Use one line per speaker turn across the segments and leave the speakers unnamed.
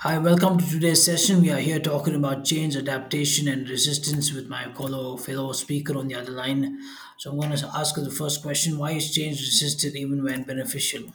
Hi, welcome to today's session. We are here talking about change, adaptation, and resistance with my fellow speaker on the other line. So I'm going to ask you the first question: Why is change resisted even when beneficial?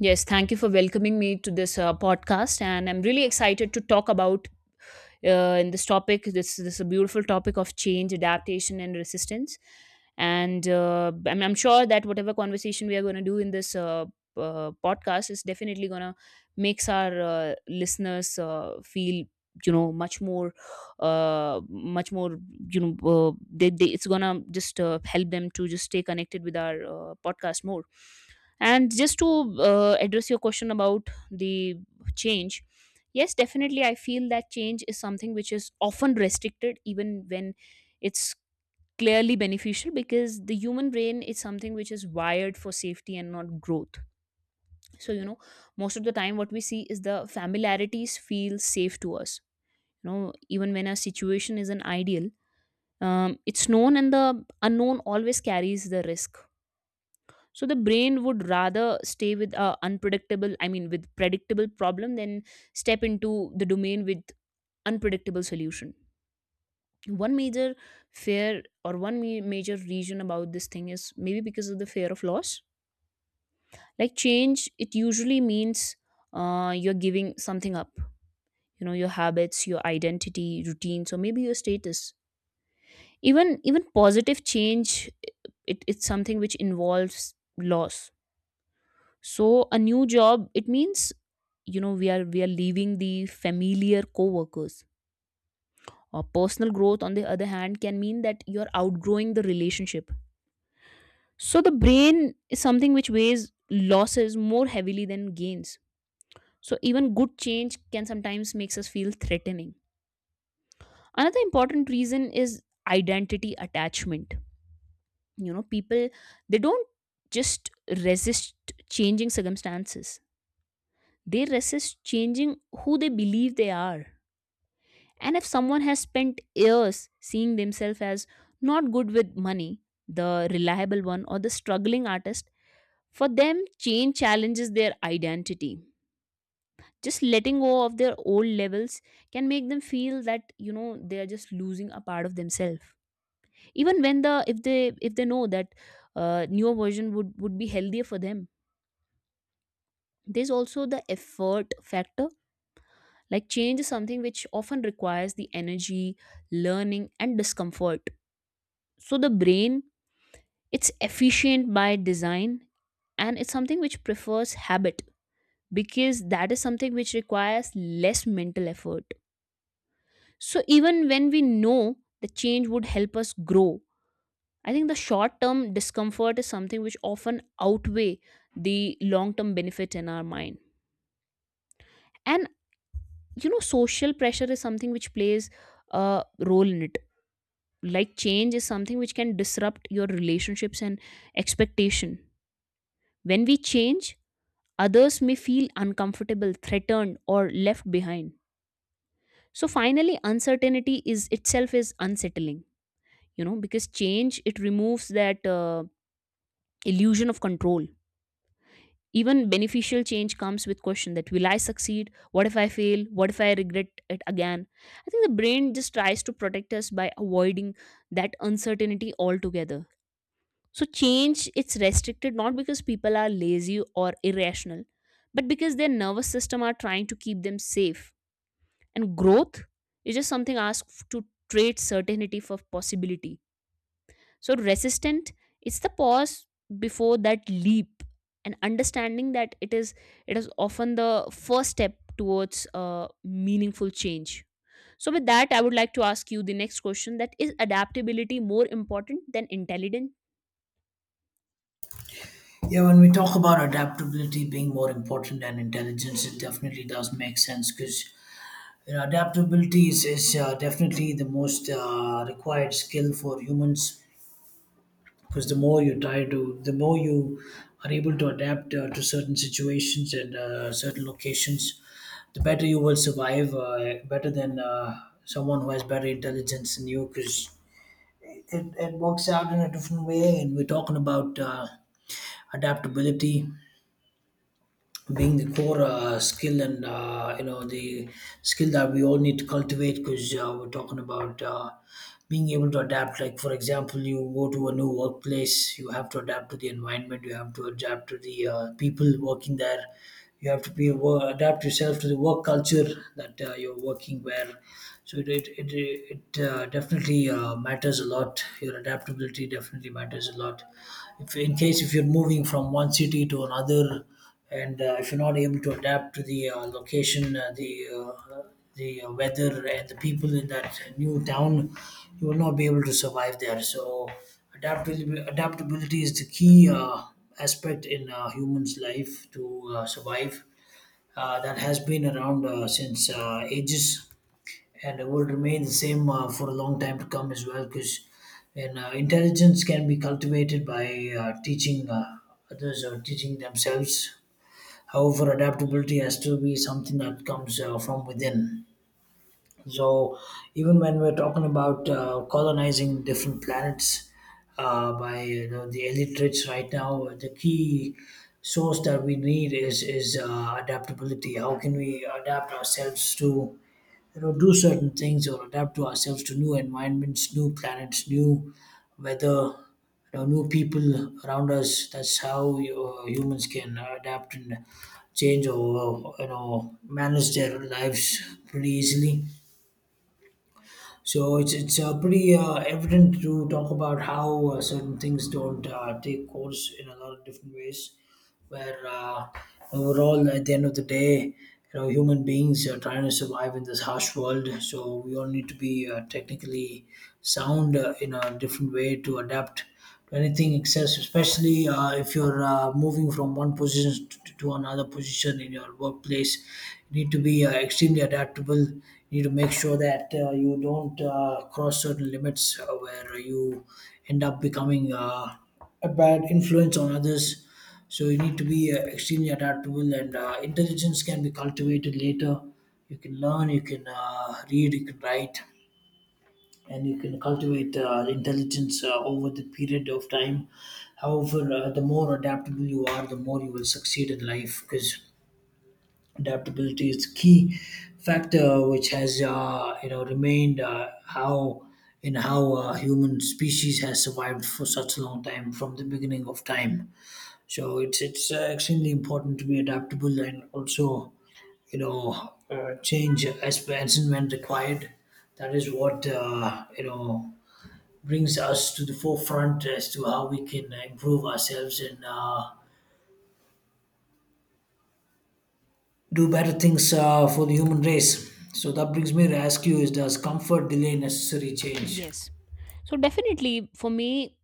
Yes, thank you for welcoming me to this podcast, and I'm really excited to talk about in this topic. This is a beautiful topic of change, adaptation, and resistance. And I'm sure that whatever conversation we are going to do in this podcast is definitely going to makes our listeners feel much more much more they it's gonna just help them to just stay connected with our podcast more and just to address your question about the change, yes, definitely, I feel that change is something which is often restricted, even when it's clearly beneficial, because the human brain is something which is wired for safety and not growth. So, you know, most of the time, what we see is the familiarities feel safe to us. You know, even when a situation isn't ideal, it's known and the unknown always carries the risk. So the brain would rather stay with a unpredictable, I mean with predictable problem than step into the domain with unpredictable solution. One major fear or one major reason about this thing is maybe because of the fear of loss. Like change, it usually means you're giving something up, you know, your habits, your identity, routines, or maybe your status. Even positive change, it's something which involves loss. So a new job, it means, you know, we are leaving the familiar co-workers. Or personal growth, on the other hand, can mean that you're outgrowing the relationship. So the brain is something which weighs losses more heavily than gains. So even good change can sometimes makes us feel threatening. Another important reason is identity attachment. You know, people, they don't just resist changing circumstances. They resist changing who they believe they are. And if someone has spent years seeing themselves as not good with money, the reliable one, or the struggling artist, for them, change challenges their identity. Just letting go of their old levels can make them feel that, you know, they are just losing a part of themselves. Even when the, if they know that newer version would be healthier for them. There's also the effort factor. Like change is something which often requires the energy, learning, and discomfort. So the brain, it's efficient by design, and it's something which prefers habit because that is something which requires less mental effort. So even when we know the change would help us grow, I think the short term discomfort is something which often outweigh the long term benefits in our mind. And, you know, social pressure is something which plays a role in it. Like change is something which can disrupt your relationships and expectation. When we change, others may feel uncomfortable, threatened, or left behind. So finally, uncertainty is itself is unsettling, you know, because change, it removes that illusion of control. Even beneficial change comes with question that will I succeed? What if I fail? What if I regret it again? I think the brain just tries to protect us by avoiding that uncertainty altogether. So change, it's restricted not because people are lazy or irrational, but because their nervous system are trying to keep them safe, and growth is just something asked to trade certainty for possibility. So resistant, it's the pause before that leap, and understanding that it is often the first step towards a meaningful change. So with that, I would like to ask you the next question: that is adaptability more important than intelligence?
Yeah, when we talk about adaptability being more important than intelligence, it definitely does make sense because adaptability is definitely the most required skill for humans because the more you are able to adapt to certain situations and certain locations, the better you will survive, better than someone who has better intelligence than you because it works out in a different way. And we're talking about adaptability being the core skill and, the skill that we all need to cultivate because we're talking about being able to adapt. Like for example, you go to a new workplace, you have to adapt to the environment, you have to adapt to the people working there, you have to adapt yourself to the work culture that you're working where. So it definitely matters a lot. Your adaptability definitely matters a lot if, in case, if you're moving from one city to another, and if you're not able to adapt to the location, the weather, and the people in that new town, you will not be able to survive there. So, adaptability is the key aspect in humans' life to survive. That has been around since ages, and it will remain the same for a long time to come as well. Because and intelligence can be cultivated by teaching others or teaching themselves. However, adaptability has to be something that comes from within. So, even when we're talking about colonizing different planets by, you know, the elite rich right now, the key source that we need is adaptability. How can we adapt ourselves to, you know, do certain things, or adapt to ourselves to new environments, new planets, new weather, you know, new people around us? That's how humans can adapt and change, or, you know, manage their lives pretty easily. So it's pretty evident to talk about how certain things don't take course in a lot of different ways. Where Overall, at the end of the day, you know, human beings are trying to survive in this harsh world. So we all need to be technically sound in a different way to adapt to anything excess, especially if you're moving from one position to another position in your workplace. You need to be extremely adaptable. You need to make sure that you don't cross certain limits where you end up becoming a bad influence on others. So you need to be extremely adaptable, and intelligence can be cultivated later. You can learn, you can read, you can write, and you can cultivate intelligence over the period of time. However, the more adaptable you are, the more you will succeed in life, because adaptability is key factor which has, remained how in how human species has survived for such a long time from the beginning of time. So it's extremely important to be adaptable, and also, change as and when required. That is what, brings us to the forefront as to how we can improve ourselves and do better things for the human race. So that brings me to ask you: Is does comfort delay necessary change?
Yes. So definitely for me,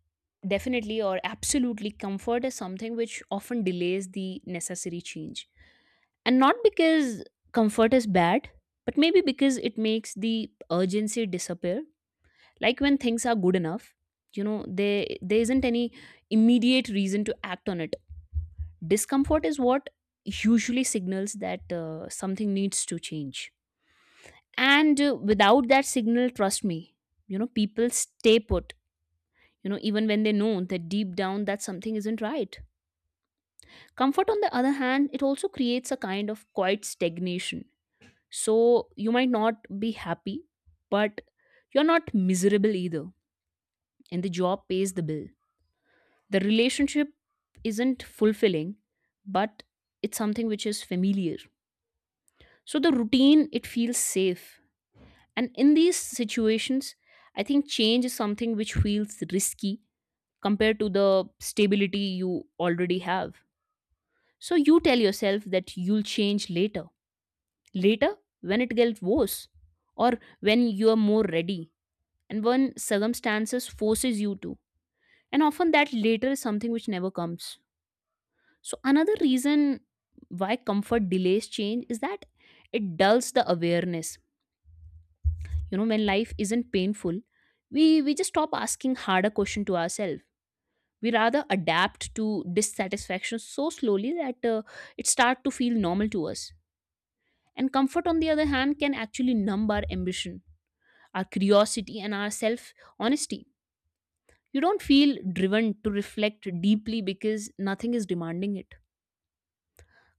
definitely or absolutely, comfort is something which often delays the necessary change. And not because comfort is bad, but maybe because it makes the urgency disappear. Like when things are good enough, you know, there isn't any immediate reason to act on it. Discomfort is what usually signals that something needs to change. And without that signal, trust me, you know, people stay put, you know, even when they know that deep down that something isn't right. Comfort, on the other hand, it also creates a kind of quiet stagnation. So you might not be happy, but you're not miserable either. And the job pays the bill. The relationship isn't fulfilling, but it's something which is familiar. So the routine, it feels safe. And in these situations, I think change is something which feels risky compared to the stability you already have. So you tell yourself that you'll change later. Later, when it gets worse, or when you are more ready, and when circumstances forces you to. And often that later is something which never comes. So another reason why comfort delays change is that it dulls the awareness. You know, when life isn't painful, we just stop asking harder question to ourselves. We rather adapt to dissatisfaction so slowly that it start to feel normal to us. And comfort, on the other hand, can actually numb our ambition, our curiosity, and our self honesty. You don't feel driven to reflect deeply because nothing is demanding it.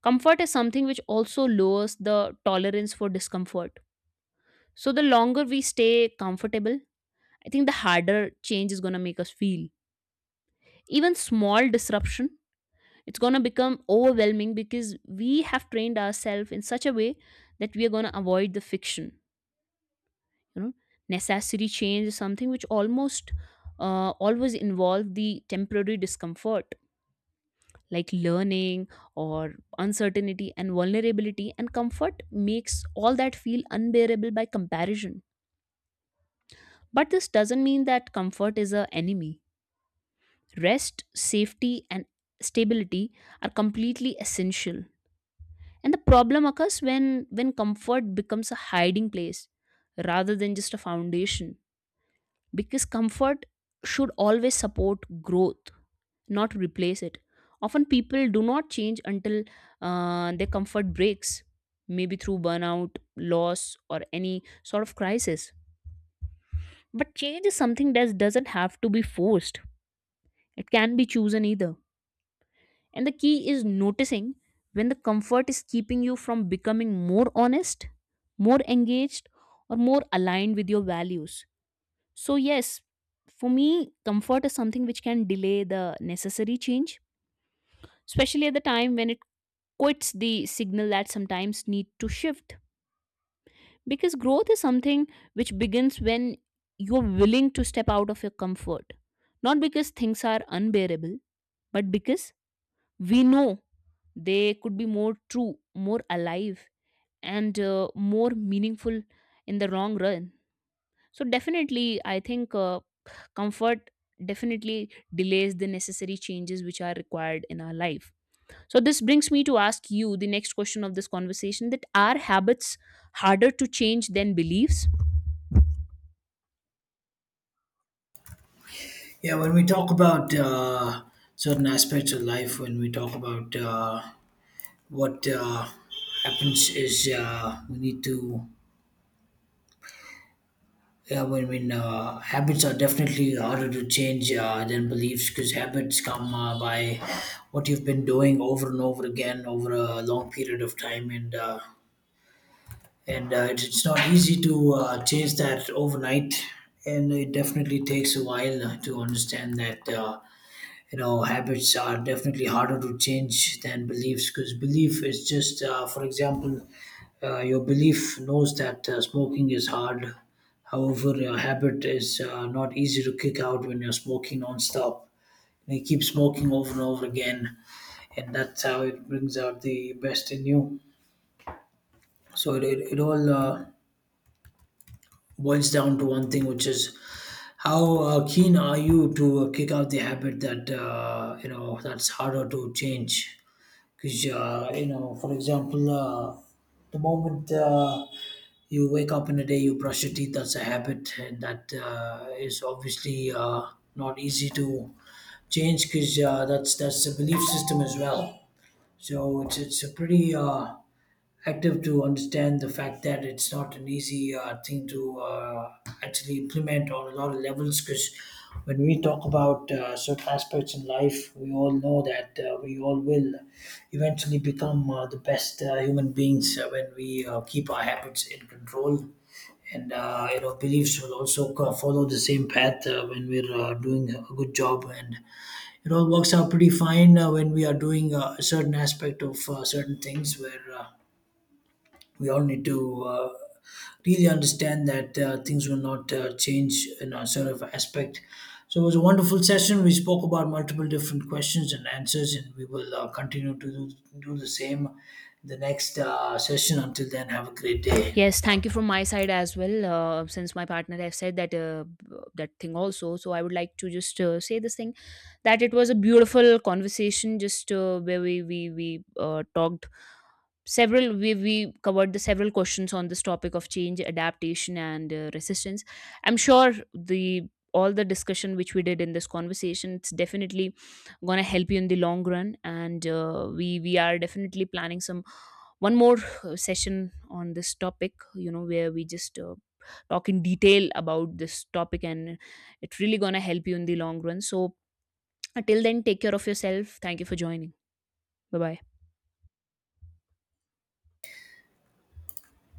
Comfort is something which also lowers the tolerance for discomfort. So, the longer we stay comfortable, I think the harder change is going to make us feel. Even small disruption, it's going to become overwhelming because we have trained ourselves in such a way that we are going to avoid the fiction. You know, necessary change is something which almost always involve the temporary discomfort, like learning or uncertainty and vulnerability, and comfort makes all that feel unbearable by comparison. But this doesn't mean that comfort is a enemy. Rest, safety, and stability are completely essential, and the problem occurs when comfort becomes a hiding place rather than just a foundation, because comfort should always support growth, not replace it. Often people do not change until their comfort breaks, maybe through burnout, loss, or any sort of crisis. But change is something that doesn't have to be forced, it can be chosen either. And the key is noticing when the comfort is keeping you from becoming more honest, more engaged, or more aligned with your values. So, yes, for me, comfort is something which can delay the necessary change, especially at the time when it quits the signal that sometimes need to shift, because growth is something which begins when you're willing to step out of your comfort, not because things are unbearable, but because we know they could be more true, more alive, and more meaningful in the long run. So definitely I think comfort definitely delays the necessary changes which are required in our life. So, this brings me to ask you the next question of this conversation: that are habits harder to change than beliefs?
Yeah, when we talk about certain aspects of life, when we talk about what happens is we need to Yeah, well, habits are definitely harder to change than beliefs, because habits come by what you've been doing over and over again over a long period of time, and, it's not easy to change that overnight, and it definitely takes a while to understand that. You know, habits are definitely harder to change than beliefs, because belief is just, for example, your belief knows that smoking is hard. However, your habit is not easy to kick out when you're smoking nonstop and you keep smoking over and over again, and that's how it brings out the best in you. So it all boils down to one thing, which is how keen are you to kick out the habit that, that's harder to change. Because, you know, for example, the moment you wake up in the day, you brush your teeth, that's a habit. And that is obviously not easy to change, because that's a belief system as well. So it's a pretty active to understand the fact that it's not an easy thing to actually implement on a lot of levels, because when we talk about certain aspects in life, we all know that we all will eventually become the best human beings when we keep our habits in control, and, beliefs will also follow the same path when we're doing a good job, and it all works out pretty fine when we are doing a certain aspect of certain things where, we all need to really understand that things will not change in a sort of aspect. So it was a wonderful session. We spoke about multiple different questions and answers, and we will continue to do the same in the next session. Until then, have a great day.
Yes, thank you from my side as well. Since my partner have said that that thing also, so I would like to just say this thing that it was a beautiful conversation, just where we talked several, we covered the several questions on this topic of change, adaptation, and resistance. I'm sure the all the discussion which we did in this conversation, it's definitely gonna help you in the long run. And we are definitely planning some one more session on this topic, you know, where we just talk in detail about this topic, and it's really gonna help you in the long run. So till then, take care of yourself. Thank you for joining. Bye bye.